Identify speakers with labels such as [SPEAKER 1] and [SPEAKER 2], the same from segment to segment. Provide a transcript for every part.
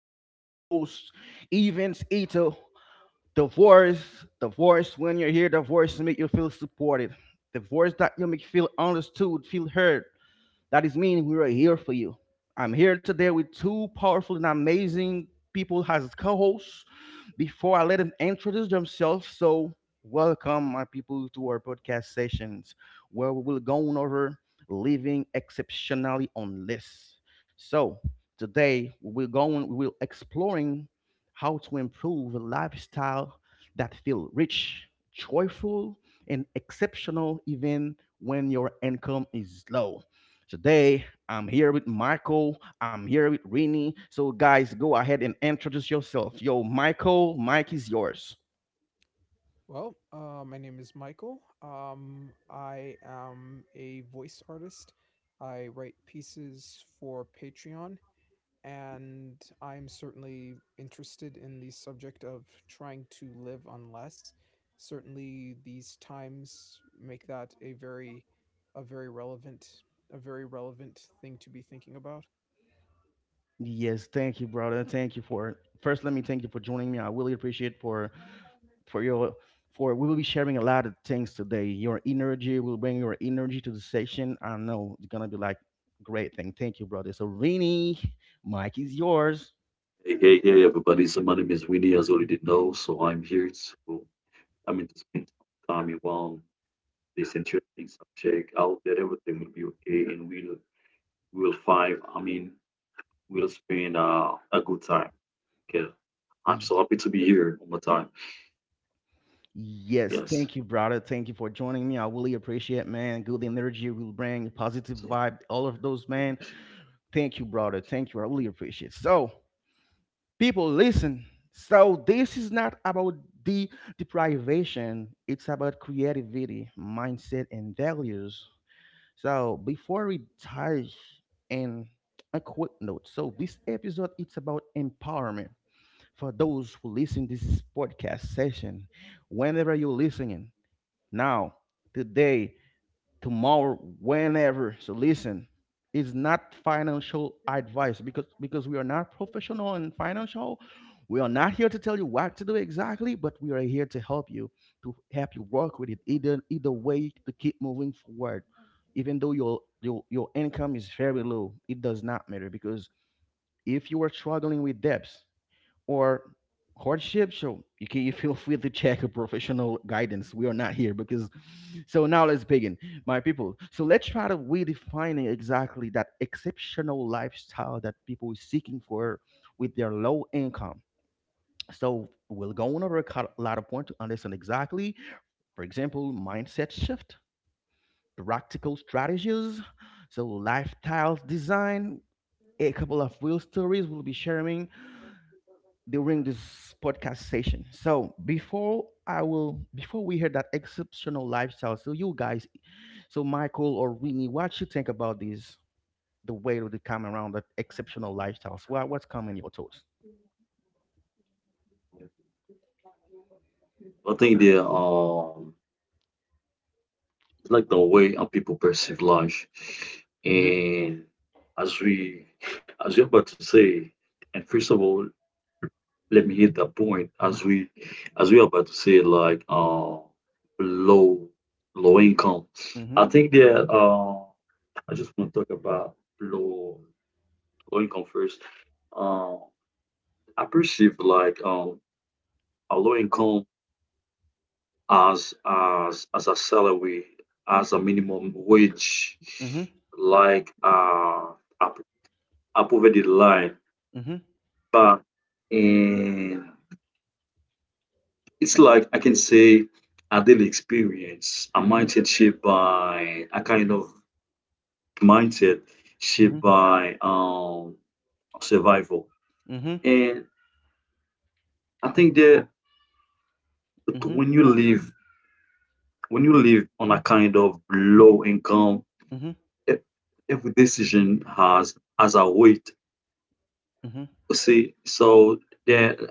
[SPEAKER 1] he's your host, Evans Ito. The voice, when you're here, the voice to make you feel supported. The voice that you make feel understood, feel heard. That is mean we are here for you. I'm here today with two powerful and amazing people as co-hosts. Before I let them introduce themselves, welcome my people to our podcast sessions where we will go on over living exceptionally on lists. So today we will go on, we will exploring how to improve a lifestyle that feel rich, joyful, and exceptional even when your income is low. Today I'm here with Michael. I'm here with Rini. So, guys, go ahead and introduce yourself. Yo, Michael, Mike is yours.
[SPEAKER 2] Well, my name is Michael. I am a voice artist. I write pieces for Patreon, and I'm certainly interested in the subject of trying to live on less. Certainly, these times make that a very relevant, a very relevant thing to be thinking about.
[SPEAKER 1] Yes, thank you, brother. Thank you for first. Let me thank you for joining me. I really appreciate for your for we will be sharing a lot of things today. Your energy will bring your energy to the session. I know it's gonna be like great thing. Thank you, brother. So Rini, Mike is yours.
[SPEAKER 3] Hey, hey, hey, everybody. So my name is Winnie, as you already know. So I'm here to, I mean, to spend some time around this interesting subject. I hope that everything will be okay and we'll find, I mean, we'll spend a good time. Okay. I'm so happy to be here one more time.
[SPEAKER 1] Yes,
[SPEAKER 3] Yes.
[SPEAKER 1] thank you, brother. Thank you for joining me. I really appreciate, man. Good energy you will bring, positive
[SPEAKER 3] So
[SPEAKER 1] vibe, all of those, man. Thank you, brother. Thank you. I really appreciate. So, people, listen. So this is not about the deprivation. It's about creativity, mindset, and values. So before we dive in, a quick note. So this episode it's about empowerment for those who listen this podcast session. Whenever you're listening now, today, tomorrow, whenever. So listen, it's not financial advice because we are not professional in financial. We are not here to tell you what to do exactly, but we are here to help you work with it either way to keep moving forward. Even though your income is very low, it does not matter because if you are struggling with debts, or hardship so you can you feel free to check a professional guidance we are not here because so now let's begin my people so let's try to redefine exactly that exceptional lifestyle that people is seeking for with their low income so we'll go on over lot of points to understand exactly, for example mindset shift, practical strategies, so lifestyle design, a couple of real stories we'll be sharing during this podcast session. So before I will before we hear that exceptional lifestyle, so you guys, so Michael or Winnie, what you think about this? The way that they come around that exceptional lifestyles. Well, what's coming your thoughts?
[SPEAKER 3] I think the it's like the way how people perceive life.
[SPEAKER 1] Mhm.
[SPEAKER 3] And as we, as you're about to say, and first of all, let me hit that point as we are about to say like low low income. I
[SPEAKER 1] Mhm.
[SPEAKER 3] think that I just want to talk about low low income first. uh I perceive like a low income as a salary, as a minimum wage,
[SPEAKER 1] Mhm.
[SPEAKER 3] like a, a poverty line.
[SPEAKER 1] Mhm.
[SPEAKER 3] But in, it's like I can say a daily experience, a
[SPEAKER 1] Mhm.
[SPEAKER 3] mindset shaped by a kind of mindset shaped
[SPEAKER 1] Mhm.
[SPEAKER 3] by survival.
[SPEAKER 1] Mhm.
[SPEAKER 3] And I think that
[SPEAKER 1] Mhm.
[SPEAKER 3] when you live when you live on a kind of low income,
[SPEAKER 1] Mhm.
[SPEAKER 3] e- every decision has a weight.
[SPEAKER 1] Mhm.
[SPEAKER 3] See, so that,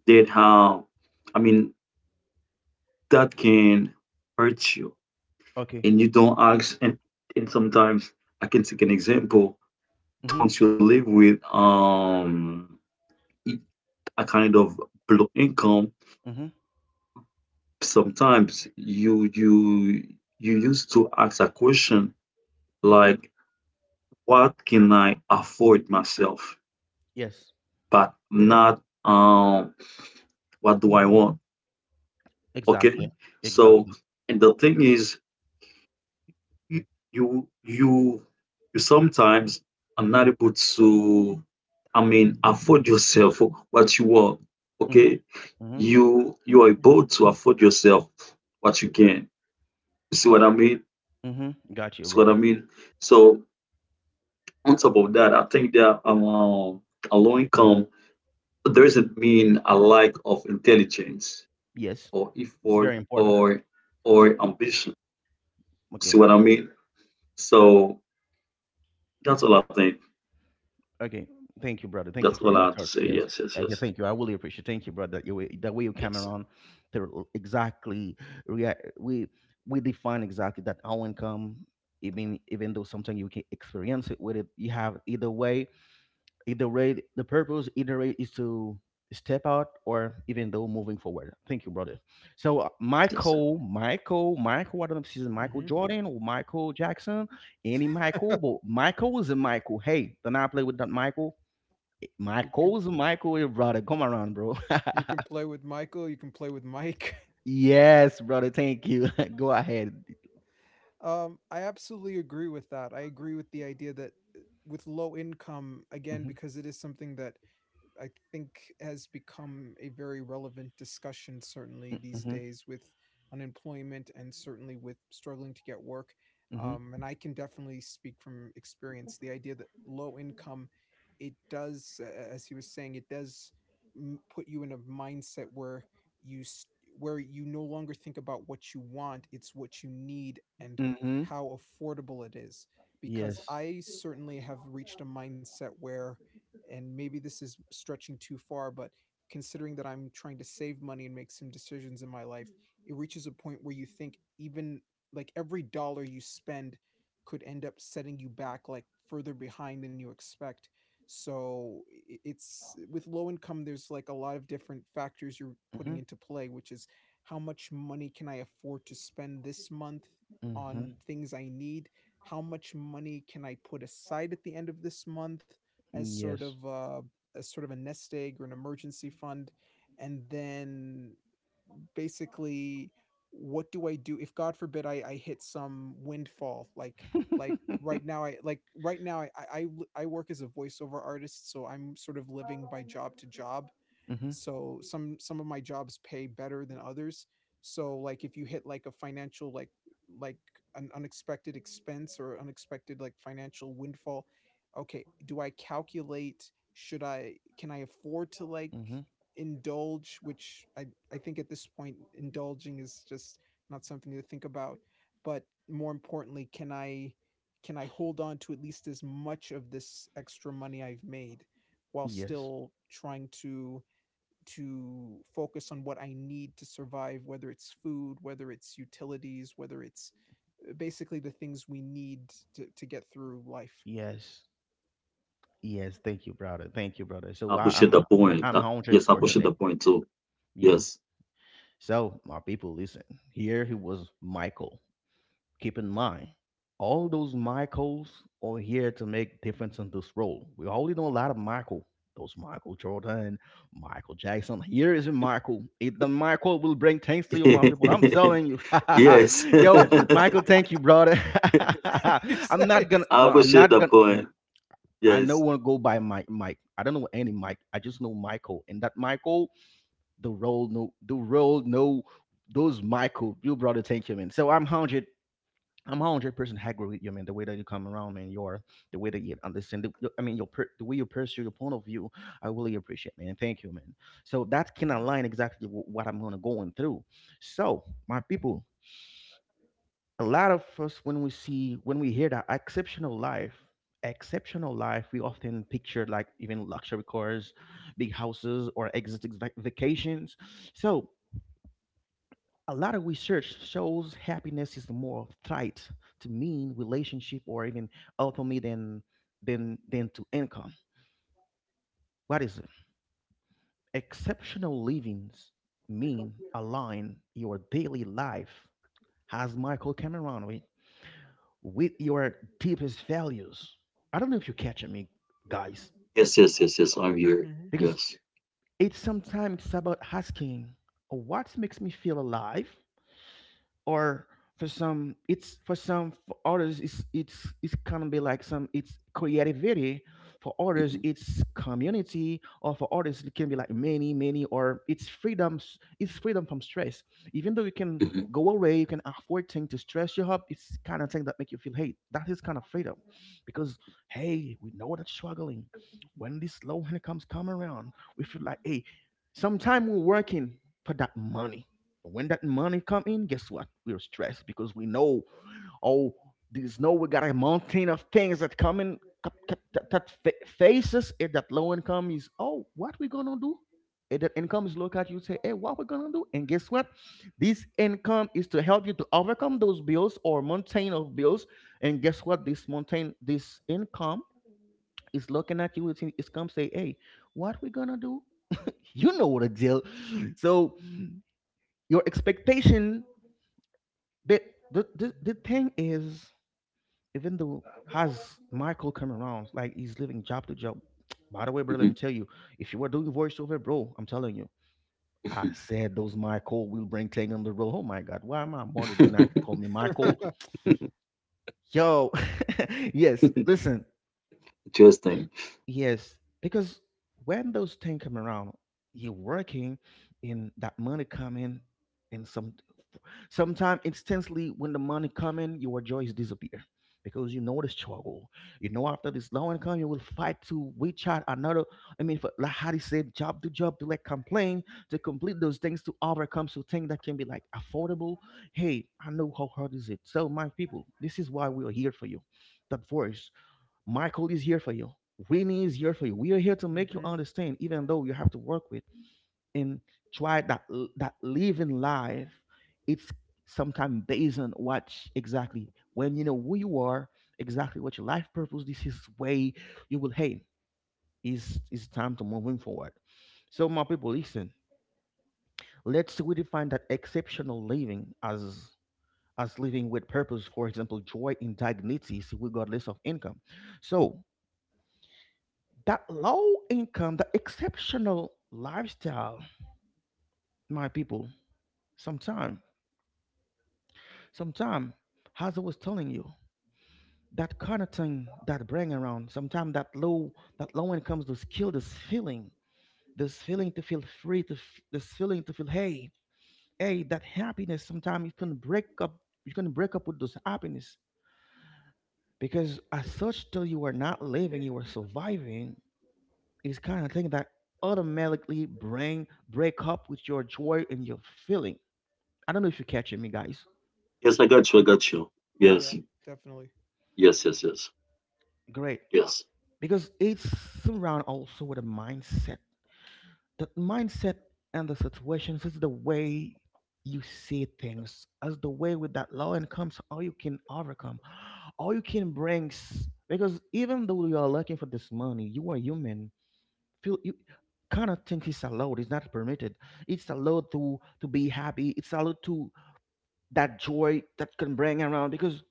[SPEAKER 3] that how, I mean, that can hurt you,
[SPEAKER 1] Okay.
[SPEAKER 3] and you don't ask. And sometimes I can take an example to.
[SPEAKER 1] Mhm.
[SPEAKER 3] Once you live with a kind of low income,
[SPEAKER 1] Mhm.
[SPEAKER 3] sometimes you you used to ask a question like what can I afford myself,
[SPEAKER 1] Yes.
[SPEAKER 3] but not what do I want? Okay.
[SPEAKER 1] Exactly.
[SPEAKER 3] So
[SPEAKER 1] Exactly.
[SPEAKER 3] and the thing is you you you sometimes are not able to, I mean, afford yourself what you want.
[SPEAKER 1] Mhm.
[SPEAKER 3] Okay.
[SPEAKER 1] Mhm.
[SPEAKER 3] You are able to afford yourself what you can. You see what I mean?
[SPEAKER 1] Mhm. Got you,
[SPEAKER 3] See what I
[SPEAKER 1] brother.
[SPEAKER 3] mean? So on top of that, I think that a low income doesn't mean a lack of intelligence
[SPEAKER 1] Yes.
[SPEAKER 3] or
[SPEAKER 1] It's
[SPEAKER 3] effort
[SPEAKER 1] very important.
[SPEAKER 3] or ambition. See
[SPEAKER 1] Okay.
[SPEAKER 3] what I mean? So that's all I think.
[SPEAKER 1] Okay. Thank you, brother.
[SPEAKER 3] That's
[SPEAKER 1] Thank you
[SPEAKER 3] all
[SPEAKER 1] for
[SPEAKER 3] I have
[SPEAKER 1] your
[SPEAKER 3] to say.
[SPEAKER 1] thoughts.
[SPEAKER 3] Yes,
[SPEAKER 1] Yes.
[SPEAKER 3] yes,
[SPEAKER 1] Okay,
[SPEAKER 3] yes,
[SPEAKER 1] thank you. I really appreciate. Thank you, brother. The way you came
[SPEAKER 3] yes,
[SPEAKER 1] around, to exactly rea- we we define exactly that our income. Even though sometimes you can experience it with it, you have either way. Either way, the purpose either way is to step out or even though moving forward. Thank you, brother. So
[SPEAKER 3] yes.
[SPEAKER 1] Michael. I don't know if she's Michael
[SPEAKER 2] Hmm
[SPEAKER 1] Jordan or Michael Jackson, any Michael, but Michael is a Michael. Hey, then I play with that Michael.
[SPEAKER 2] You can
[SPEAKER 1] Michael's Michael, eh, brother. Come around, bro.
[SPEAKER 2] you can play with Michael. You can play with Mike.
[SPEAKER 1] Yes, brother. Thank you. Go ahead.
[SPEAKER 2] I absolutely agree with that. I agree with the idea that with low income, again,
[SPEAKER 1] Mhm,
[SPEAKER 2] because it is something that I think has become a very relevant discussion, certainly these
[SPEAKER 1] mhm,
[SPEAKER 2] days, with unemployment and certainly with struggling to get work.
[SPEAKER 1] mhm,
[SPEAKER 2] And I can definitely speak from experience the idea that low income, it does, as he was saying, put you in a mindset where you s- where you no longer think about what you want, it's what you need and
[SPEAKER 1] mhm.
[SPEAKER 2] how affordable it is. Because
[SPEAKER 1] Yes.
[SPEAKER 2] I certainly have reached a mindset where, and maybe this is stretching too far, but considering that I'm trying to save money and make some decisions in my life, it reaches a point where you think even like every dollar you spend could end up setting you back like further behind than you expect. So it's, with low income, there's like a lot of different factors you're putting
[SPEAKER 1] Mhm,
[SPEAKER 2] into play, which is how much money can I afford to spend this month
[SPEAKER 1] mhm.
[SPEAKER 2] on things I need? How much money can I put aside at the end of this month? as sort of
[SPEAKER 1] Yes.
[SPEAKER 2] a, as sort of a nest egg or an emergency fund, and then basically, what do I do if, God forbid, I hit some windfall? Like,
[SPEAKER 1] Mhm,
[SPEAKER 2] like right now I work as a voiceover artist, so I'm sort of living by job to job, so some of my jobs pay better than others. So like if you hit like a financial like an unexpected expense or unexpected like financial windfall, okay, do I calculate, should I, can I afford to like
[SPEAKER 1] mhm.
[SPEAKER 2] indulge, which I think at this point indulging is just not something to think about? But more importantly, can I hold on to at least as much of this extra money I've made while
[SPEAKER 1] Yes.
[SPEAKER 2] still trying to focus on what I need to survive, whether it's food, whether it's utilities, whether it's basically the things we need to get through life.
[SPEAKER 1] Yes. Yes. Thank you, brother. Thank you, brother.
[SPEAKER 3] I
[SPEAKER 1] So I,
[SPEAKER 3] appreciate
[SPEAKER 1] I'm
[SPEAKER 3] the
[SPEAKER 1] i
[SPEAKER 3] point.
[SPEAKER 1] I'm hundred
[SPEAKER 3] Yes, I
[SPEAKER 1] percent.
[SPEAKER 3] appreciate
[SPEAKER 1] Eh,
[SPEAKER 3] the point too.
[SPEAKER 1] yes.
[SPEAKER 3] Yes,
[SPEAKER 1] So my people, listen. Here he was, Michael. Keep in mind, all those Michaels are here to make difference in this role. We already know a lot of Michael. Those Michael Jordan, Michael Jackson. Here is a Michael. The Michael will bring thanks to you, my people. I'm telling you.
[SPEAKER 3] yes.
[SPEAKER 1] Yo, Michael, thank you, brother.
[SPEAKER 2] Ex-
[SPEAKER 1] I'm
[SPEAKER 3] Opposite
[SPEAKER 1] not
[SPEAKER 3] the
[SPEAKER 1] gonna no.
[SPEAKER 3] point.
[SPEAKER 1] I know
[SPEAKER 3] Yes.
[SPEAKER 1] one go by Mike. I don't know any Mike. I just know Michael. And that Michael, the role no those Michael, you brother, thank you, man. So I'm 100% agree with you, man. The way that you come around, man, you are the way that you understand. I mean, the way you pursue your point of view, I really appreciate, man. Thank you, man. So that can
[SPEAKER 2] Mhm,
[SPEAKER 1] align exactly what I'm gonna going through. So, my people, a lot of us when we see when we hear that exceptional life, we often picture like even luxury cars, big houses, or exotic vacations. So a lot of research shows happiness is more tied to mean relationship or even autonomy than than to income. What is it? Exceptional livings mean align your daily life, as Michael Cameron with your deepest values. I don't know if you're catching me, guys,
[SPEAKER 3] Yes, yes, yes, yes. I'm here.
[SPEAKER 2] mhm,
[SPEAKER 1] because
[SPEAKER 3] Yes.
[SPEAKER 1] it's sometimes about asking what makes me feel alive, or for some, it's for others, it's it's gonna be like some it's creativity, for others it's community, or for others it can be like many, or it's freedoms, it's freedom from stress. Even though you can
[SPEAKER 3] Mhm,
[SPEAKER 1] go away, you can afford things to stress you up, it's kind of thing that make you feel hate, that is kind of freedom. Because hey, we know that struggling, when this low income comes come around, we feel like hey, sometime we're working for that money, but when that money come in, guess what? We're stressed because we know, oh, there's no we got a mountain of things that come in that, faces it. That low income is oh, what we gonna do? And that income is look at you, say, hey, what we gonna do? And guess what? This income is to help you to overcome those bills or mountain of bills. And guess what? This mountain, this income is looking at you. It's come say, hey, what we gonna do? You know what a deal. So your expectation, the, the thing is, even though has Michael come around, like he's living job to job. By the way, brother, let me
[SPEAKER 3] mhm,
[SPEAKER 1] tell you, if you were doing voiceover, bro, I'm telling you, I said those Michael will bring thing on the road. Oh my God, why my mother did not call me
[SPEAKER 3] mhm.
[SPEAKER 1] Michael? Yo, yes,
[SPEAKER 3] Mhm.
[SPEAKER 1] listen,
[SPEAKER 3] Interesting.
[SPEAKER 1] yes, because when those things come around, you're working, and that money coming, and some sometimes instantly when the money come in, your joys disappear because you know the struggle. You know after this low income, you will fight to reach out another. I mean, for, like how they said, job to job to like complain to complete those things to overcome so things that can be like affordable. Hey, I know how hard is it. So my people, this is why we are here for you. That voice, Michael is here for you. Winnie is here for you. We are here to make you
[SPEAKER 2] mhm.
[SPEAKER 1] understand, even though you have to work with. In try that that living life it's sometimes based on what exactly when you know who you are, exactly what your life purpose, this is way you will hey, it's time to moving forward. So my people listen, let's redefine that exceptional living as living with purpose, for example joy in dignity regardless of income. So that low income, the exceptional lifestyle, my people, sometimes Sometimes, as I was telling you, that kind of thing that bring around, sometimes that low income to kill this feeling to feel free, this feeling to feel hey, hey, that happiness. Sometimes you can break up, you can break up with those happiness because as such, till you are not living, you are surviving. Is kind of thing that automatically bring break up with your joy and your feeling. I don't know if you're catching me, guys.
[SPEAKER 3] Yes, I got you. I got you. Yes.
[SPEAKER 2] Yeah, definitely.
[SPEAKER 3] Yes, yes, yes.
[SPEAKER 1] Great,
[SPEAKER 3] Yes.
[SPEAKER 1] because it's surround also with a mindset. That mindset and the situations is the way you see things, as the way with that low incomes all you can overcome all you can bring because even though you are looking for this money, you are human, feel you, kind of think it's allowed it's not permitted, it's allowed to be happy, it's allowed to that joy that can bring around. Because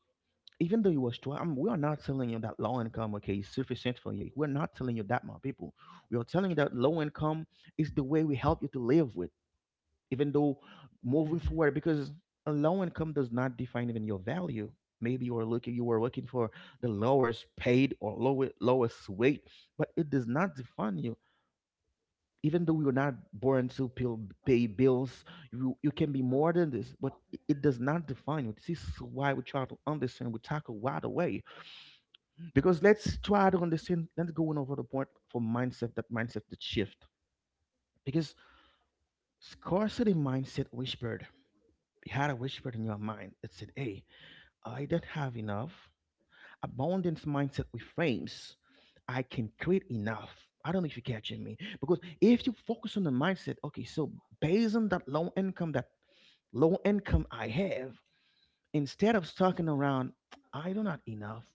[SPEAKER 1] even though it was 12, we are not telling you that low income, okay, is sufficient for you. We're not telling you that, my people. We are telling you that low income is the way we help you to live with, even though moving
[SPEAKER 2] Mm-hmm,
[SPEAKER 1] forward, because a low income does not define even your value. Maybe you are looking, you were looking for the lowest paid or lower, lowest weight, but it does not define you. Even though we are not born to pay bills, you can be more than this, but it does not define you. This is why we try to understand, we tackle right away because let's try to understand, let's go on over the point for mindset, that mindset, that shift. Because scarcity mindset whispered, you had a whisper in your mind, it said, hey, I don't have enough. Abundance mindset reframes, I can create enough. I don't know if you're catching me, because if you focus on the mindset, okay, so based on that low income, that low income I have, instead of stalking around, I do not enough.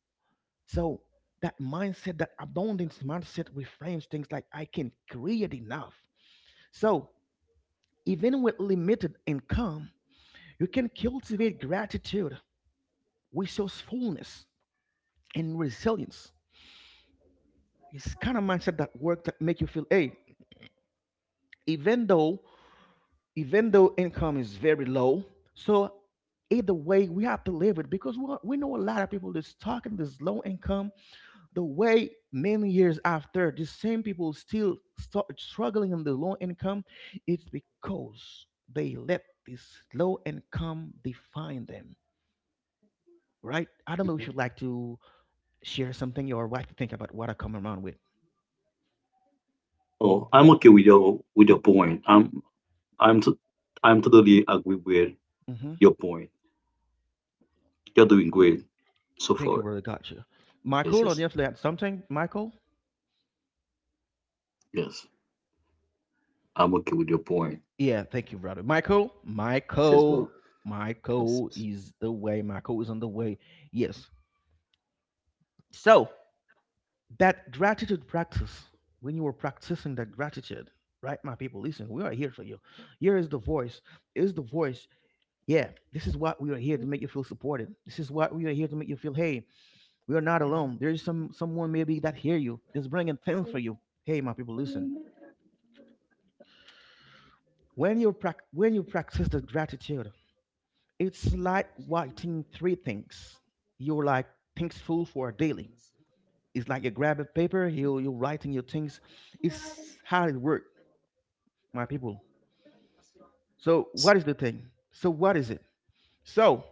[SPEAKER 1] So that mindset, that abundance mindset reframes things like I can create enough. So even with limited income, you can cultivate gratitude, resourcefulness, and resilience. It's kind of mindset that work that make you feel, hey, even though even though income is very low, so either way we have to live it, because we know a lot of people that's talking this low income. The way many years after, the same people still start struggling on the low income, it's because they let this low income define them, right? I don't know if
[SPEAKER 3] Mhm.
[SPEAKER 1] you'd like to share something or like to think about what I come around with.
[SPEAKER 3] Oh, I'm okay with your point. I'm t- I'm totally agree with
[SPEAKER 1] hmm
[SPEAKER 3] your point. You're doing great so
[SPEAKER 1] Thank you,
[SPEAKER 3] far.
[SPEAKER 1] brother. Gotcha.
[SPEAKER 3] Yes,
[SPEAKER 1] Michael,
[SPEAKER 3] yes,
[SPEAKER 1] on the other hand, something, Michael?
[SPEAKER 3] yes. I'm okay with your point.
[SPEAKER 1] Yeah, thank you, brother. Michael,
[SPEAKER 3] Yes, yes, well.
[SPEAKER 1] Michael,
[SPEAKER 3] Yes,
[SPEAKER 1] Michael
[SPEAKER 3] yes,
[SPEAKER 1] is the way. Michael is on the way. Yes. So, that gratitude practice, when you were practicing that gratitude, right, my people, listen, we are here for you. Here is the voice, is the voice, yeah. This is what we are here to make you feel supported. This is what we are here to make you feel, hey, we are not
[SPEAKER 2] mm-hmm.
[SPEAKER 1] alone, there is someone maybe that hear you, that's bringing things for you. Hey, my people, listen, when you prac when you practice the gratitude, it's like writing three things you're like thankful for daily. It's like you grab a paper, you're writing your things. It's how it works, my people. So
[SPEAKER 3] yes.
[SPEAKER 1] what is the thing? So what is it? So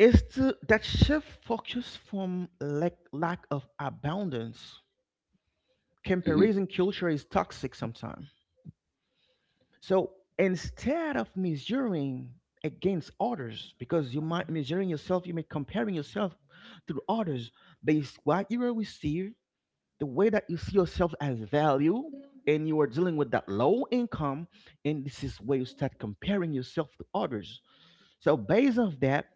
[SPEAKER 1] it's to, that shift focus from lack, lack of abundance.
[SPEAKER 3] Mhm.
[SPEAKER 1] Comparison culture is toxic sometimes. So instead of measuring against others, because you might measuring yourself, you may comparing yourself to others based what you will receive, the way that you see yourself as value, and you are dealing with that low income, and this is where you start comparing yourself to others. So based off that,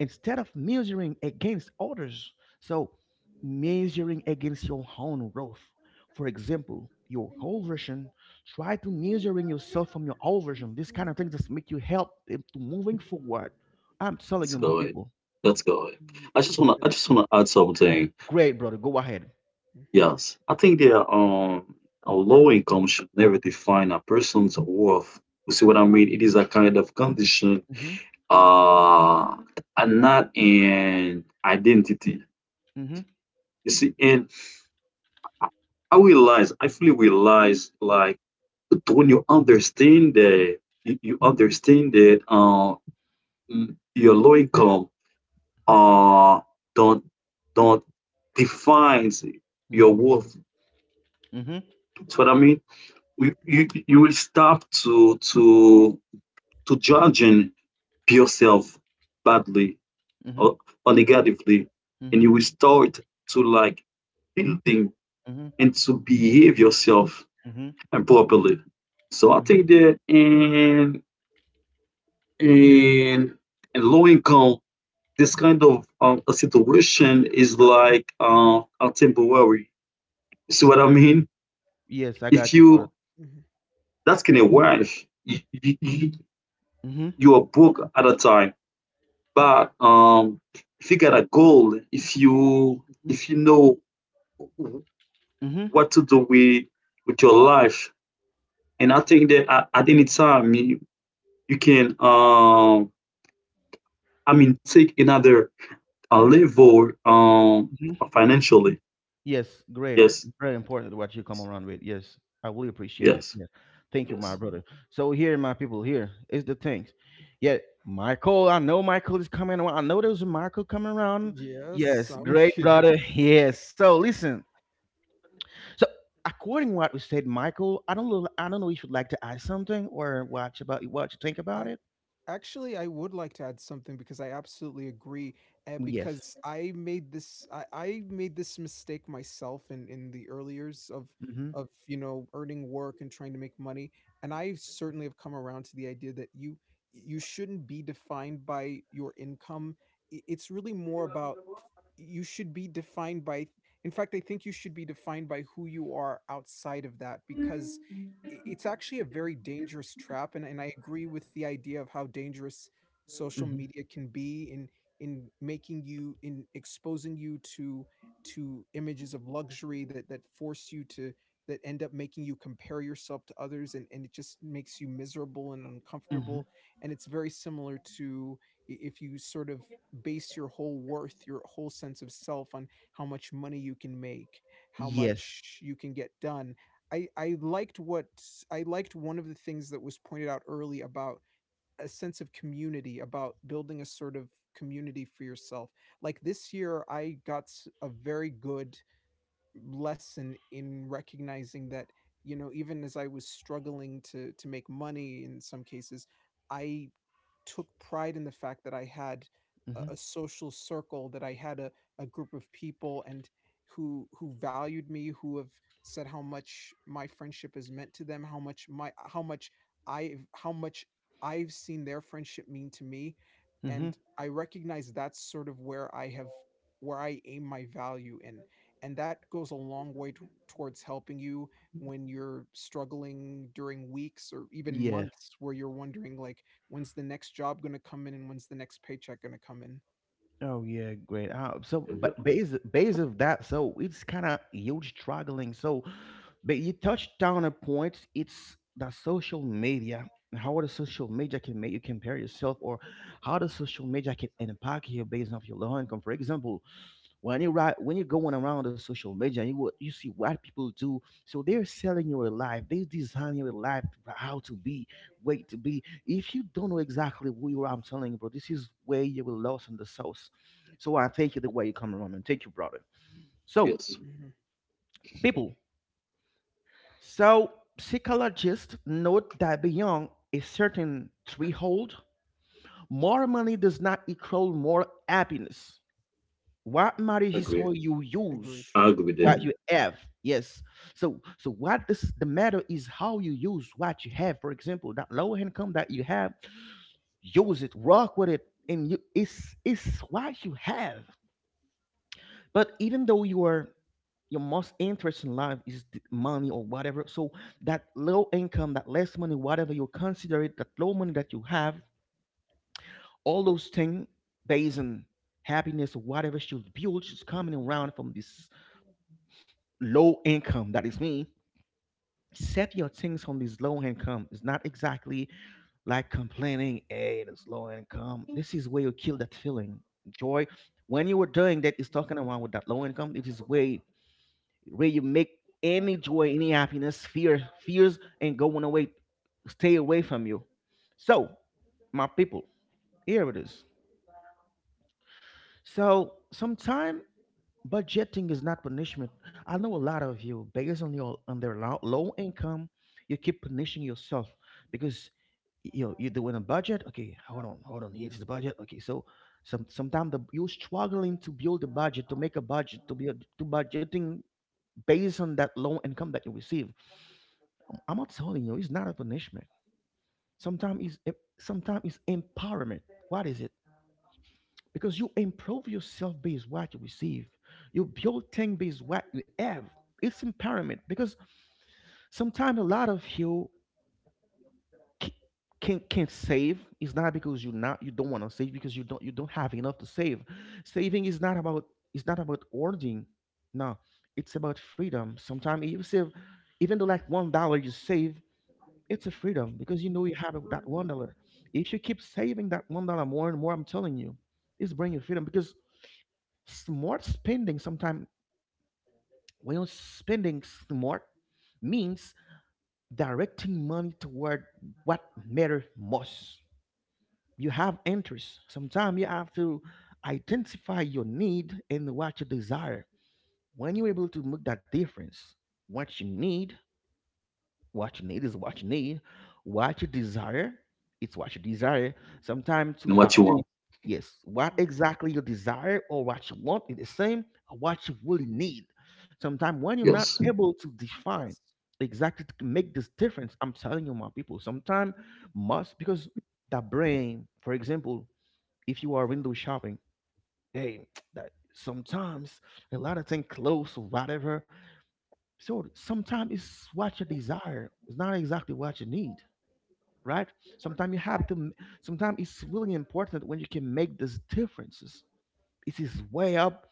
[SPEAKER 1] instead of measuring against others, so measuring against your own growth. For example, your whole version, try to measuring yourself from your old version. This kind of thing just make you help to moving forward. I'm telling
[SPEAKER 3] Let's
[SPEAKER 1] you, my
[SPEAKER 3] go ahead.
[SPEAKER 1] people.
[SPEAKER 3] Let's go ahead.
[SPEAKER 2] Yeah.
[SPEAKER 3] I just
[SPEAKER 1] Y-
[SPEAKER 3] wanna I
[SPEAKER 2] That's.
[SPEAKER 3] just wanna add something.
[SPEAKER 1] Great, brother. Go ahead.
[SPEAKER 3] Yes. I think there are a low income should never define a person's worth. You see what I mean? It is a kind of condition
[SPEAKER 1] Mm-hmm.
[SPEAKER 3] uh and not an identity.
[SPEAKER 1] Mm-hmm.
[SPEAKER 3] You see, and I I realize, I fully realize like when you understand that, you understand that your low income uh don't don't defines
[SPEAKER 1] Mm-hmm.
[SPEAKER 3] your worth.
[SPEAKER 1] Mm-hmm.
[SPEAKER 3] That's what I mean. You will stop to to judging yourself badly or, or negatively, and
[SPEAKER 1] Mm-hmm.
[SPEAKER 3] you will start to like building
[SPEAKER 1] Mm-hmm.
[SPEAKER 3] and to behave yourself
[SPEAKER 1] Mm-hmm.
[SPEAKER 3] properly. So I think that in in low income, this kind of a situation is like a temporary. See what
[SPEAKER 1] Mm-hmm.
[SPEAKER 3] I mean?
[SPEAKER 1] Yes, I
[SPEAKER 3] If
[SPEAKER 1] got you, brother.
[SPEAKER 3] you,
[SPEAKER 2] Mhm,
[SPEAKER 3] that's gonna work. You, you,
[SPEAKER 1] Mm-hmm.
[SPEAKER 3] you are broke at a time, but if you got a goal,
[SPEAKER 1] Mm-hmm.
[SPEAKER 3] if you know
[SPEAKER 1] Mm-hmm.
[SPEAKER 3] what to do with your life, and I think that at any time you, you can I mean take another level financially.
[SPEAKER 1] Yes, great.
[SPEAKER 3] Yes,
[SPEAKER 1] Very important what you come
[SPEAKER 3] yes,
[SPEAKER 1] around with. Yes, I really appreciate it.
[SPEAKER 3] yes,
[SPEAKER 1] Yes, thank you, my
[SPEAKER 3] yes,
[SPEAKER 2] mhm.
[SPEAKER 1] brother. So here, my people, here is the things. Yeah, Michael. I know Michael is coming around. I know there's a Michael coming around.
[SPEAKER 2] Yes,
[SPEAKER 1] Yes,
[SPEAKER 2] I'm
[SPEAKER 1] great
[SPEAKER 2] here.
[SPEAKER 1] brother. Yes. So listen. So according to what we said, Michael, I don't know. I don't know if you'd like to add something or watch about what you think about
[SPEAKER 2] I,
[SPEAKER 1] it.
[SPEAKER 2] Actually, I would like to add something because I absolutely agree,
[SPEAKER 1] Yes.
[SPEAKER 2] because I made this mistake myself in the early years of
[SPEAKER 1] Mm-hmm.
[SPEAKER 2] of you know, earning work and trying to make money, and I certainly have come around to the idea that you shouldn't be defined by your income. It's really more about you should be defined by. In fact, I think you should be defined by who you are outside of that because it's actually a very dangerous trap, and I agree with the idea of how dangerous social
[SPEAKER 1] Mm-hmm.
[SPEAKER 2] media can be in making you, in exposing you to images of luxury that, that force you to, that end up making you compare yourself to others, and it just makes you miserable and
[SPEAKER 1] Mm-hmm.
[SPEAKER 2] uncomfortable. And it's very similar to, if you sort of base your whole worth, your whole sense of self on how much money you can make, how
[SPEAKER 1] Yes.
[SPEAKER 2] much you can get done. I, I liked what I liked one of the things that was pointed out early about a sense of community, about building a sort of community for yourself. Like this year, I got a very good lesson in recognizing that, you know, even as I was struggling to make money in some cases, I took pride in the fact that I had
[SPEAKER 1] Mm-hmm.
[SPEAKER 2] a social circle, that I had a group of people and who valued me, who have said how much my friendship has meant to them, how much my, how much I've seen their friendship mean to me.
[SPEAKER 1] Mm-hmm.
[SPEAKER 2] And I recognize that's sort of where I have, where I aim my value in, and that goes a long way towards helping you when you're struggling during weeks or even
[SPEAKER 1] Yeah.
[SPEAKER 2] months where you're wondering like when's the next job going to come in and when's the next paycheck going to come in.
[SPEAKER 1] Oh yeah, great. But base of that, so it's kind of huge struggling. So, but you touched down a point. It's the social media. How the social media can make you compare yourself, or how the social media can impact you based off your low income. For example, when you right when you're going around the social media, you, what you see what people do, so they're selling your life, they design your life to- how to be way to be. If you don't know exactly who you are, I'm telling you, bro, this is where you will lost in the sauce. So I thank you the way you come around, and thank you, brother. So
[SPEAKER 3] yes.
[SPEAKER 2] Hmm.
[SPEAKER 1] people, so psychologists note that beyond a certain threshold, more money does not equal more happiness. What
[SPEAKER 3] I
[SPEAKER 1] matters is
[SPEAKER 3] agree.
[SPEAKER 1] how you use
[SPEAKER 2] Agreed.
[SPEAKER 3] I agree with
[SPEAKER 1] what
[SPEAKER 3] that.
[SPEAKER 1] you have. Yes, so so what this the matter is how you use what you have. For example, that low income that you have, use it, rock with it, and you, it's what you have. But even though you are, your most interest in life is the money or whatever, so that low income, that less money, whatever you consider it, that low money that you have, all those things based on happiness or whatever should build, she's coming around from this low income, that is me, set your things on this low income. It's not exactly like complaining, hey, this low income. This is where you kill that feeling. Joy. When you were doing that, is talking around with that low income. It is way where you make any joy, any happiness, fear, fears, and going away, stay away from you. So, my people, here it is. So sometime budgeting is not punishment. I know a lot of you, based on your on their low income, you keep punishing yourself because you know, you're doing a budget. Okay, hold on, hold on. Here's the budget. Okay, so sometimes the, you're struggling to build a budget, to make a budget, to be a, to budgeting based on that low income that you receive. I'm not telling you, it's not a punishment. Sometimes it's empowerment. What is it? Because you improve yourself based what you receive. You build things based what you have. It's empowerment. Because sometimes a lot of you c- can save. It's not because you're not you don't want to save, because you don't have enough to save. Saving is not about, it's not about hoarding. No, it's about freedom. Sometimes you save, even though like $1 you save, it's a freedom because you know you have it with that $1. If you keep saving that $1 more and more, I'm telling you, it's bringing you freedom because smart spending, sometimes when you're spending smart, means directing money toward what matters most. You have interests. Sometimes you have to identify your need and what you desire. When you're able to make that difference, what you need, what you need is what you need. What you desire, it's what you desire. Sometimes
[SPEAKER 3] And
[SPEAKER 1] to
[SPEAKER 3] what you want.
[SPEAKER 1] balance, yes, what
[SPEAKER 2] Mm,
[SPEAKER 1] exactly you desire or what you want is the same or what you really need. Sometimes when you're not
[SPEAKER 3] Yes.
[SPEAKER 1] able to define
[SPEAKER 2] yes.
[SPEAKER 1] exactly to make this difference, I'm telling you, my people, sometimes must because the brain, for example, if you are window shopping, hey, that sometimes a lot of things close or whatever, so sometimes it's what you desire. It's not exactly what you need, right? Sometimes you have to. Sometimes it's really important when you can make these differences. It is way up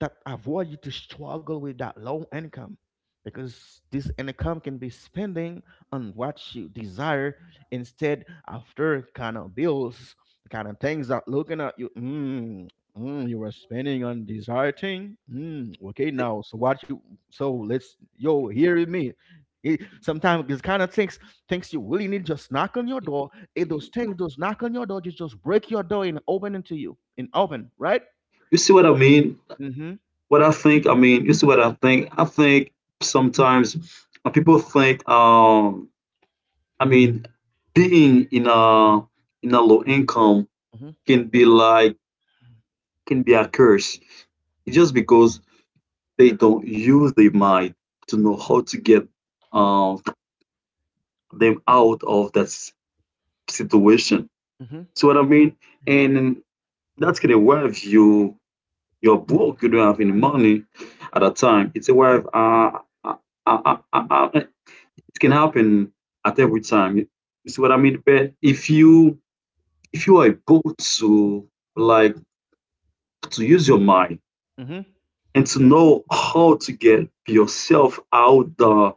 [SPEAKER 1] that avoid you to struggle with that low income, because this income can be spending on what you desire instead after kind of bills, kind of things that looking at you, mm, mm, you were spending on desire thing, mm, okay, now so what you, so let's, yo, hear me. It, sometimes these kind of things, things you really need just knock on your door. It, those things, those knock on your door just break your door and open into you and open, right.
[SPEAKER 3] You see what I mean?
[SPEAKER 1] Mm-hmm.
[SPEAKER 3] What I think, I mean, you see what I think? I think sometimes people think, I mean, being in a low income
[SPEAKER 1] Mm-hmm.
[SPEAKER 3] can be like can be a curse. It's just because they don't use their mind to know how to get uh, them out of that situation.
[SPEAKER 1] Mm-hmm.
[SPEAKER 3] See what I mean?
[SPEAKER 2] Hmm.
[SPEAKER 3] And that's gonna worth you your broke. You don't have any money at a time. It's a way of uh, uh, uh, it can happen at every time. You see what I mean? But if you are able to like to use your mind
[SPEAKER 1] Mm-hmm.
[SPEAKER 3] and to know how to get yourself out the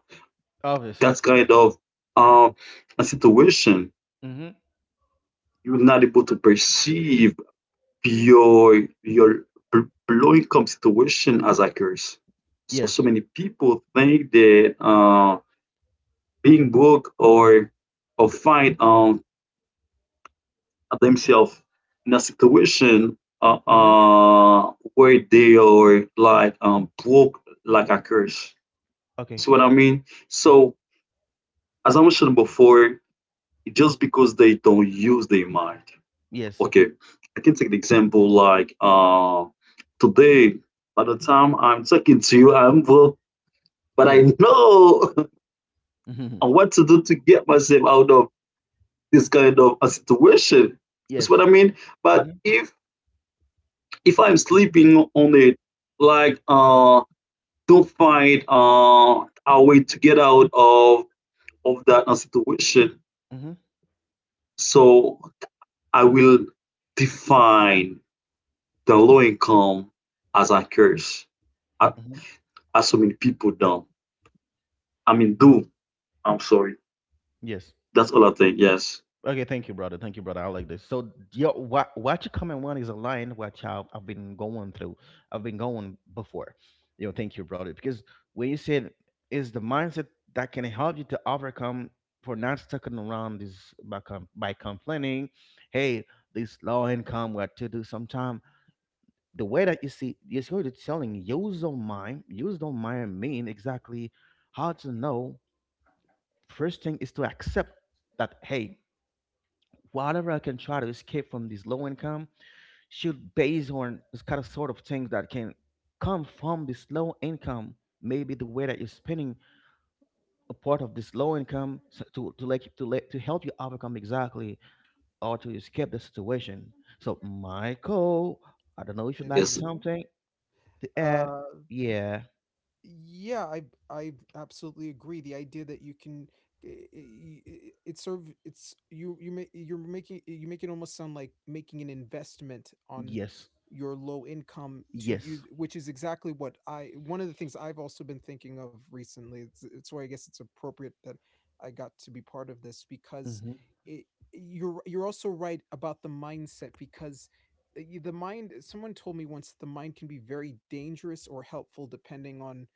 [SPEAKER 1] Office.
[SPEAKER 3] that kind of
[SPEAKER 2] Hmm.
[SPEAKER 3] uh, a situation,
[SPEAKER 1] Mm-hmm.
[SPEAKER 3] you're not able to perceive your low income situation as a curse. So so
[SPEAKER 1] Yes.
[SPEAKER 3] many people think that being broke or find themselves in a situation
[SPEAKER 1] Mm-hmm.
[SPEAKER 3] where they are like broke like a curse.
[SPEAKER 1] Okay.
[SPEAKER 3] See what I mean?
[SPEAKER 1] Mm-hmm.
[SPEAKER 3] So, as I mentioned before, just because they don't use their mind.
[SPEAKER 1] Yes.
[SPEAKER 3] Okay, I can take an example like today, by the time I'm talking to you, I'm broke, but
[SPEAKER 1] Yes.
[SPEAKER 3] I know
[SPEAKER 1] Mm-hmm.
[SPEAKER 3] what to do to get myself out of this kind of a situation. That's what
[SPEAKER 1] Yes.
[SPEAKER 3] I mean. But
[SPEAKER 1] Mm-hmm.
[SPEAKER 3] if I'm sleeping on it, like don't find a way to get out of that situation.
[SPEAKER 1] Mm-hmm.
[SPEAKER 3] So I will define the low income as a curse, as,
[SPEAKER 1] Mm-hmm.
[SPEAKER 3] as so many people do. I mean, do. I'm sorry.
[SPEAKER 1] Yes.
[SPEAKER 3] That's all I think. Yes,
[SPEAKER 1] Okay. Thank you, brother. Thank you, brother. I like this. So, yo, what you comment one is aligned what I've been going through. I've been going before. You know. Thank you, brother. Because when you said is the mindset that can help you to overcome, for not sticking around is by by complaining, hey, this low income, what to do sometime the way that you see, you see what it's telling, use don't mind, use don't mind mean exactly how to know. First thing is to accept that, hey, whatever I can try to escape from this low income should base on this kind of sort of things that can come from this low income, maybe the way that you're spending a part of this low income, so to like to let to help you overcome exactly or to escape the situation. So Michael, I don't know if you'd like
[SPEAKER 3] yes.
[SPEAKER 2] Hello.
[SPEAKER 1] something to add.
[SPEAKER 2] uh
[SPEAKER 1] Yeah.
[SPEAKER 2] Yeah, I absolutely agree. The idea that you can, i- it's sort of, it's, you're making, you make it almost sound like making an investment on
[SPEAKER 1] Yes.
[SPEAKER 2] your low income to
[SPEAKER 1] Yes.
[SPEAKER 2] use, which is exactly what I, one of the things I've also been thinking of recently. It's why I guess it's appropriate that I got to be part of this because
[SPEAKER 1] Mm-hmm.
[SPEAKER 2] it you're also right about the mindset because, the mind, someone told me once that the mind can be very dangerous or helpful depending on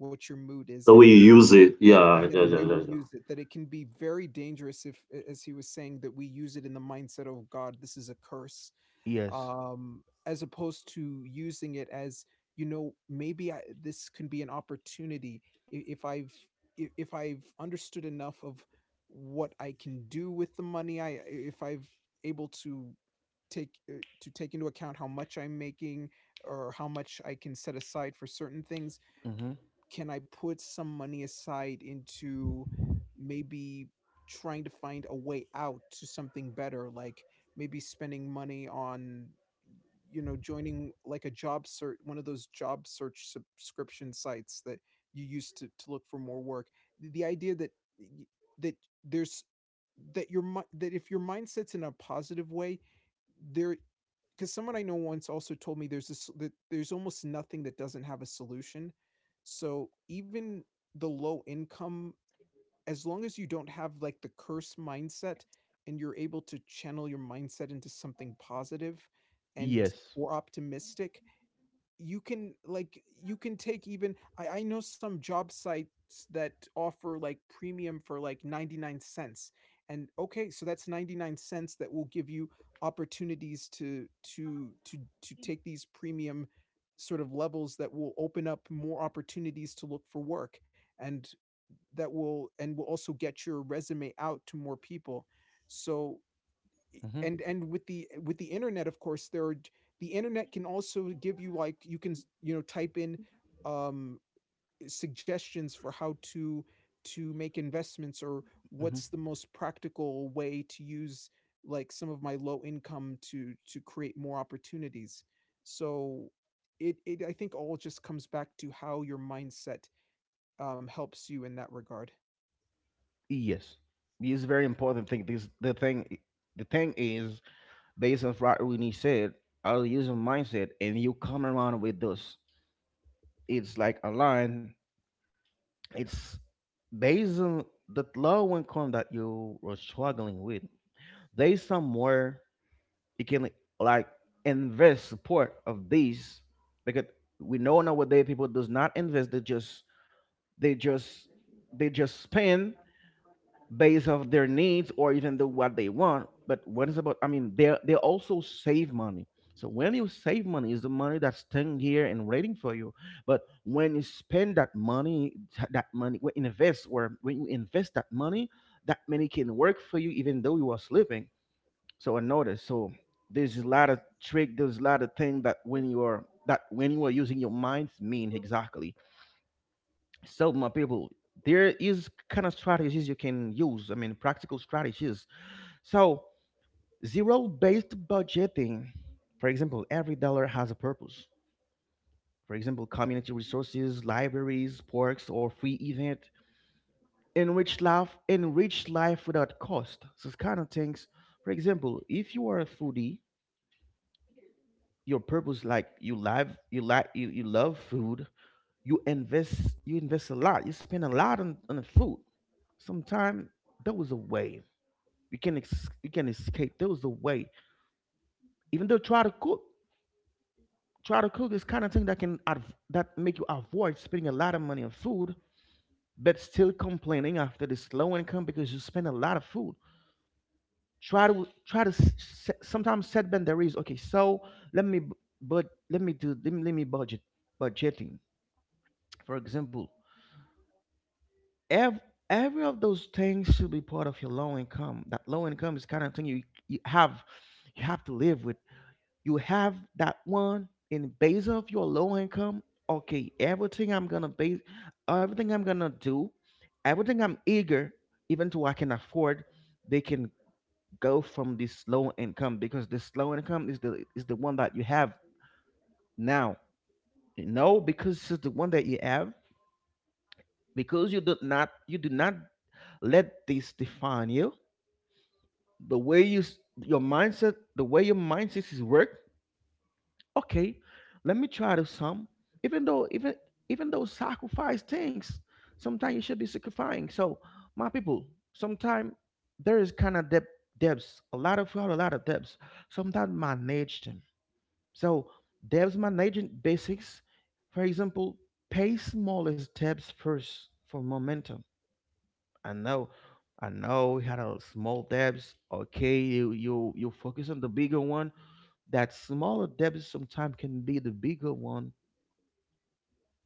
[SPEAKER 2] what your mood is,
[SPEAKER 3] The
[SPEAKER 2] and
[SPEAKER 3] way you use it. Yeah,
[SPEAKER 2] yeah, the
[SPEAKER 3] yeah,
[SPEAKER 2] way
[SPEAKER 3] yeah,
[SPEAKER 1] Mm-hmm.
[SPEAKER 2] we
[SPEAKER 3] yeah, yeah.
[SPEAKER 2] use it, that it can be very dangerous if, as he was saying, that we use it in the mindset of, God, this is a curse,
[SPEAKER 1] Yes.
[SPEAKER 2] as opposed to using it as, you know, maybe I, this can be an opportunity if I've, if I've understood enough of what I can do with the money, I, if I've able to take, to take into account how much I'm making or how much I can set aside for certain things,
[SPEAKER 1] Mm-hmm.
[SPEAKER 2] can I put some money aside into maybe trying to find a way out to something better, like maybe spending money on, you know, joining like a job search, one of those job search subscription sites that you use to look for more work. The idea that, y- that there's, that your that if your mindset's in a positive way, there, because someone I know once also told me there's this, that there's almost nothing that doesn't have a solution. So even the low income, as long as you don't have like the curse mindset and you're able to channel your mindset into something positive and
[SPEAKER 1] Yes.
[SPEAKER 2] or optimistic, you can, like you can take, even I know some job sites that offer like premium for like 99¢, and okay, so that's 99¢ that will give you opportunities to, to to take these premium sort of levels that will open up more opportunities to look for work, and that will, and will also get your resume out to more people. So
[SPEAKER 1] Mm-hmm.
[SPEAKER 2] and with the, with the internet, of course, there are, the internet can also give you like you can, you know, type in um suggestions for how to make investments or
[SPEAKER 1] Mm-hmm.
[SPEAKER 2] what's the most practical way to use like some of my low income to create more opportunities. So it, I think all just comes back to how your mindset helps you in that regard.
[SPEAKER 1] Yes. It's a very important thing. This the thing I- The thing is, based on what Rooney said, I'll use a mindset and you come around with this. It's like a line. It's based on the low income that you were struggling with. There's somewhere you can, like, invest support of these, because we know nowadays people does not invest, they just They just they just spend based off their needs or even the what they want. But what is about? I mean, they also save money. So when you save money, is the money that's staying here and waiting for you. But when you spend that money, that money, when invest or when you invest that money can work for you even though you are sleeping. So I noticed. So there's a lot of trick. There's a lot of thing that when you are that when you are using your mind mean exactly. So, my people, there is kind of strategies you can use. I mean, practical strategies. So, zero-based budgeting. For example, every dollar has a purpose. For example, community resources, libraries, parks, or free event. Enrich life without cost. So it's kind of things. For example, if you are a foodie, your purpose like you love food, you invest a lot, you spend a lot on the food. Sometime that was a way. You can you can escape. There was a way. Even though try to cook is kind of thing that can that make you avoid spending a lot of money on food, but still complaining after this low income because you spend a lot of food. Try to try to s- set, Sometimes set boundaries. Okay, so let me bu- but let me do let me budget budgeting. For example, every every of those things should be part of your low income. That low income is kind of thing you you have, you have to live with, you have that one in base of your low income. Okay, everything I'm gonna base, everything I'm gonna do, everything I'm eager, even to I can afford, they can go from this low income, because this low income is the one that you have now, you know, because this is the one that you have, because you do not let this define you. The way you your mindset, the way your mindset is work. Okay, let me try to some. Even though even even though sacrifice things, sometimes you should be sacrificing. So my people, sometimes there is kind of debt, debts, a lot of fraud, a lot of debts. Sometimes manage them. So debts managing basics, for example, pay smallest debts first for momentum. I know, I know. We had a small debts. Okay, you focus on the bigger one. That smaller debts sometimes can be the bigger one.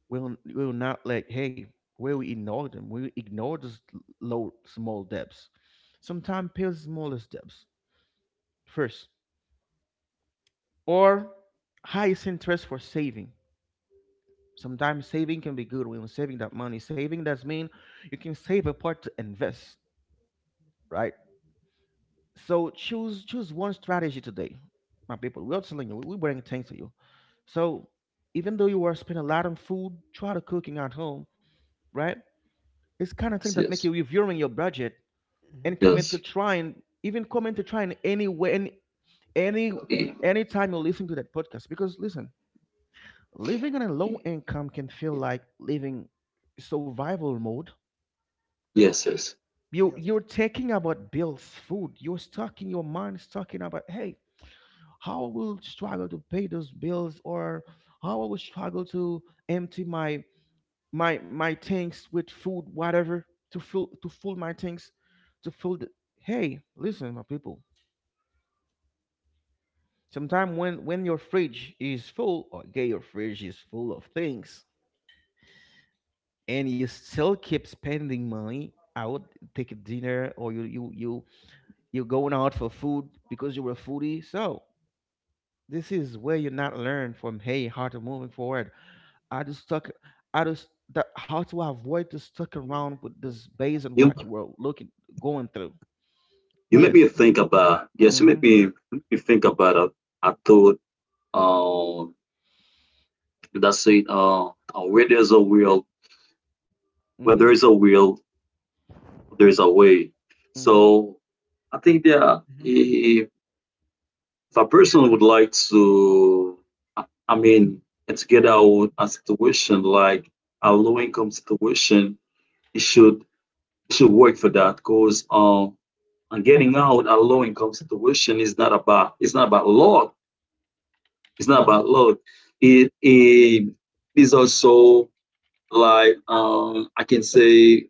[SPEAKER 1] We'll not like, hey, where we ignore them. We ignore those low small debts. Sometimes pay the smallest debts first, or highest interest for saving. Sometimes saving can be good when you're saving that money. Saving does mean you can save a part to invest, right? So choose one strategy today, my people. We're telling you, we bring things to you. So even though you are spending a lot on food, try to cooking at home, right? It's kind of thing
[SPEAKER 3] Yes,
[SPEAKER 1] that make
[SPEAKER 3] yes,
[SPEAKER 1] you reviewing your budget
[SPEAKER 2] Hmm.
[SPEAKER 1] and commit to
[SPEAKER 3] yes,
[SPEAKER 1] trying, even commit to trying any way, any anytime you listen to that podcast. Because listen, living on a low income can feel like living survival mode.
[SPEAKER 3] yes, yes.
[SPEAKER 1] You
[SPEAKER 2] Yes.
[SPEAKER 1] you're thinking about bills, food. You're stuck in your mind, is talking about, hey, how I will struggle to pay those bills, or how I will struggle to empty my tanks with food, whatever, to fill my tanks, to fill the, hey, listen, my people. Sometimes when your fridge is full, or okay, your fridge is full of things, and you still keep spending money. I would take a dinner, or you're going out for food because you're a foodie. So this is where you not learn from, hey, how to moving forward. I just stuck. I just that how to avoid to stuck around with this base and
[SPEAKER 3] You,
[SPEAKER 1] what you were looking going through.
[SPEAKER 3] You made
[SPEAKER 1] Yes.
[SPEAKER 3] me think about yes, you
[SPEAKER 1] Mm-hmm.
[SPEAKER 3] made me think about it. I thought um that's it. Where there's a will, where
[SPEAKER 1] Mm-hmm.
[SPEAKER 3] there is a will, there's a way.
[SPEAKER 1] Mm-hmm.
[SPEAKER 3] So I think
[SPEAKER 2] Hmm.
[SPEAKER 3] that if a person would like to, I mean, to get out a situation like a low income situation, it should it should work for that because and getting out a low income situation is not about, it's not about luck. It's not
[SPEAKER 1] Mm-hmm.
[SPEAKER 3] about luck. It is also like I can say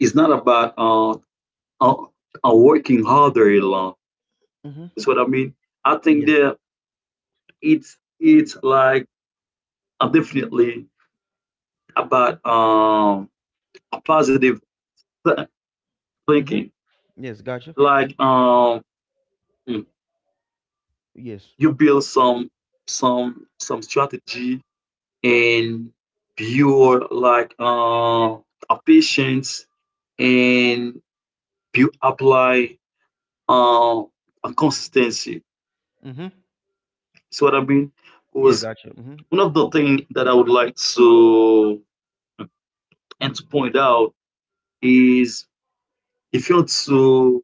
[SPEAKER 3] it's not about uh, working harder alone.
[SPEAKER 1] Mm-hmm.
[SPEAKER 3] That's what I mean. I think
[SPEAKER 1] Yes.
[SPEAKER 3] that it's like definitely about a positive th-
[SPEAKER 1] Mm-hmm.
[SPEAKER 3] thinking.
[SPEAKER 1] Yes. Gotcha.
[SPEAKER 3] Like mm,
[SPEAKER 1] Yes.
[SPEAKER 3] you build some some strategy and your like a patience and you apply uh, a consistency.
[SPEAKER 1] Mm-hmm.
[SPEAKER 3] See what I mean?
[SPEAKER 1] Yeah.
[SPEAKER 3] Because
[SPEAKER 1] Gotcha. Mm-hmm.
[SPEAKER 3] one of the things that I would like to and to point out is if you want to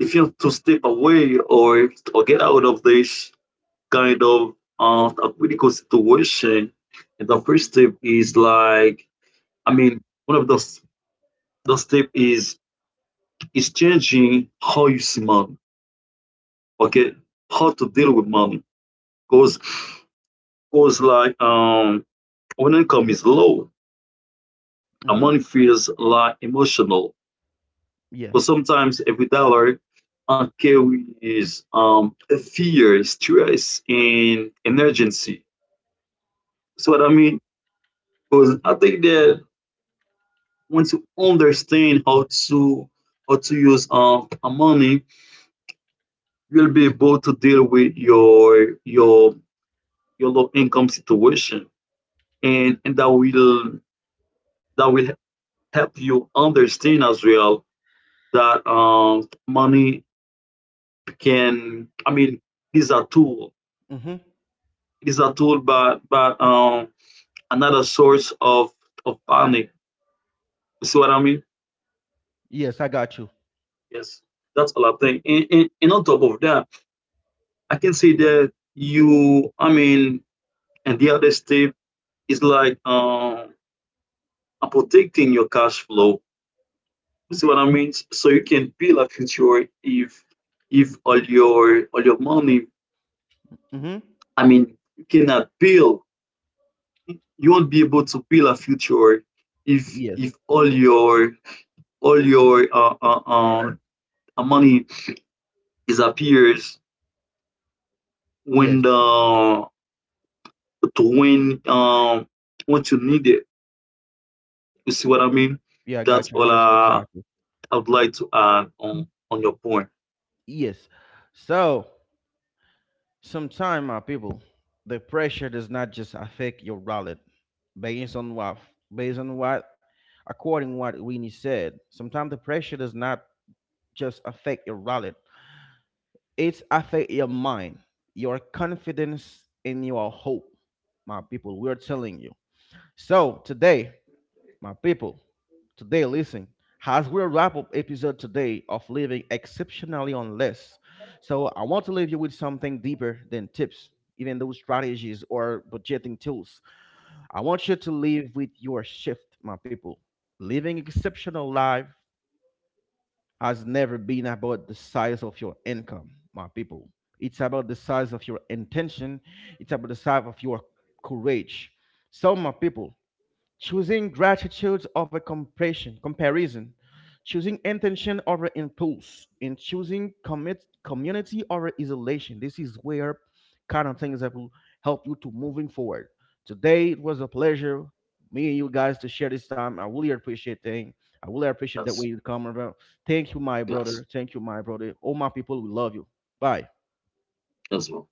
[SPEAKER 3] if you want to step away or get out of this kind of a critical situation, and the first step is like, I mean, one of the the step is changing how you see money. Okay, how to deal with money because was like when income is low, our
[SPEAKER 1] Mm-hmm.
[SPEAKER 3] money feels like emotional.
[SPEAKER 1] Yeah.
[SPEAKER 3] But sometimes every dollar carries fear, stress, and emergency. So what I mean, because
[SPEAKER 1] Mm-hmm.
[SPEAKER 3] I think that once you understand how to use our money, you'll be able to deal with your low income situation, and that will help you understand as well that money can, I mean, it is a tool.
[SPEAKER 1] Mm-hmm.
[SPEAKER 3] It is a tool, but another source of panic. You see what I mean?
[SPEAKER 1] Yes. I got you.
[SPEAKER 3] Yes, that's all I think. And on top of that, I can say that you, I mean, and the other step is like protecting your cash flow. You see what I mean? So you can build a future if all your all your money.
[SPEAKER 1] Mm-hmm.
[SPEAKER 3] I mean, you cannot build, you won't be able to build a future
[SPEAKER 1] Yes.
[SPEAKER 3] if all your all your money is appears
[SPEAKER 1] Yes.
[SPEAKER 3] when the to when what you need it. You see what I mean?
[SPEAKER 1] Yeah. I
[SPEAKER 3] That's
[SPEAKER 1] got you.
[SPEAKER 3] all
[SPEAKER 1] Honestly. Exactly.
[SPEAKER 3] I would like to add on your point.
[SPEAKER 1] Yes. So. Sometimes, my people, the pressure does not just affect your wallet, based on what, based on what, according to what Winnie said. Sometimes the pressure does not just affect your wallet; it's affect your mind, your confidence, and your hope. My people, we are telling you. So today my people. Today, listen, as we wrap up episode today of living exceptionally on less, so I want to leave you with something deeper than tips, even those strategies or budgeting tools. I want you to live with your shift, my people. Living exceptional life has never been about the size of your income, my people. It's about the size of your intention. It's about the size of your courage. So, my people, choosing gratitude over comparison, comparison, choosing intention over impulse, and choosing commit community over isolation. This is where kind of things that will help you to moving forward. Today it was a pleasure, me and you guys to share this time. I really appreciate thing. I really appreciate that way
[SPEAKER 3] That's
[SPEAKER 1] you come around. Thank you, my brother.
[SPEAKER 3] glass
[SPEAKER 1] Thank you, my brother. All my people, we love you. Bye.
[SPEAKER 3] as well.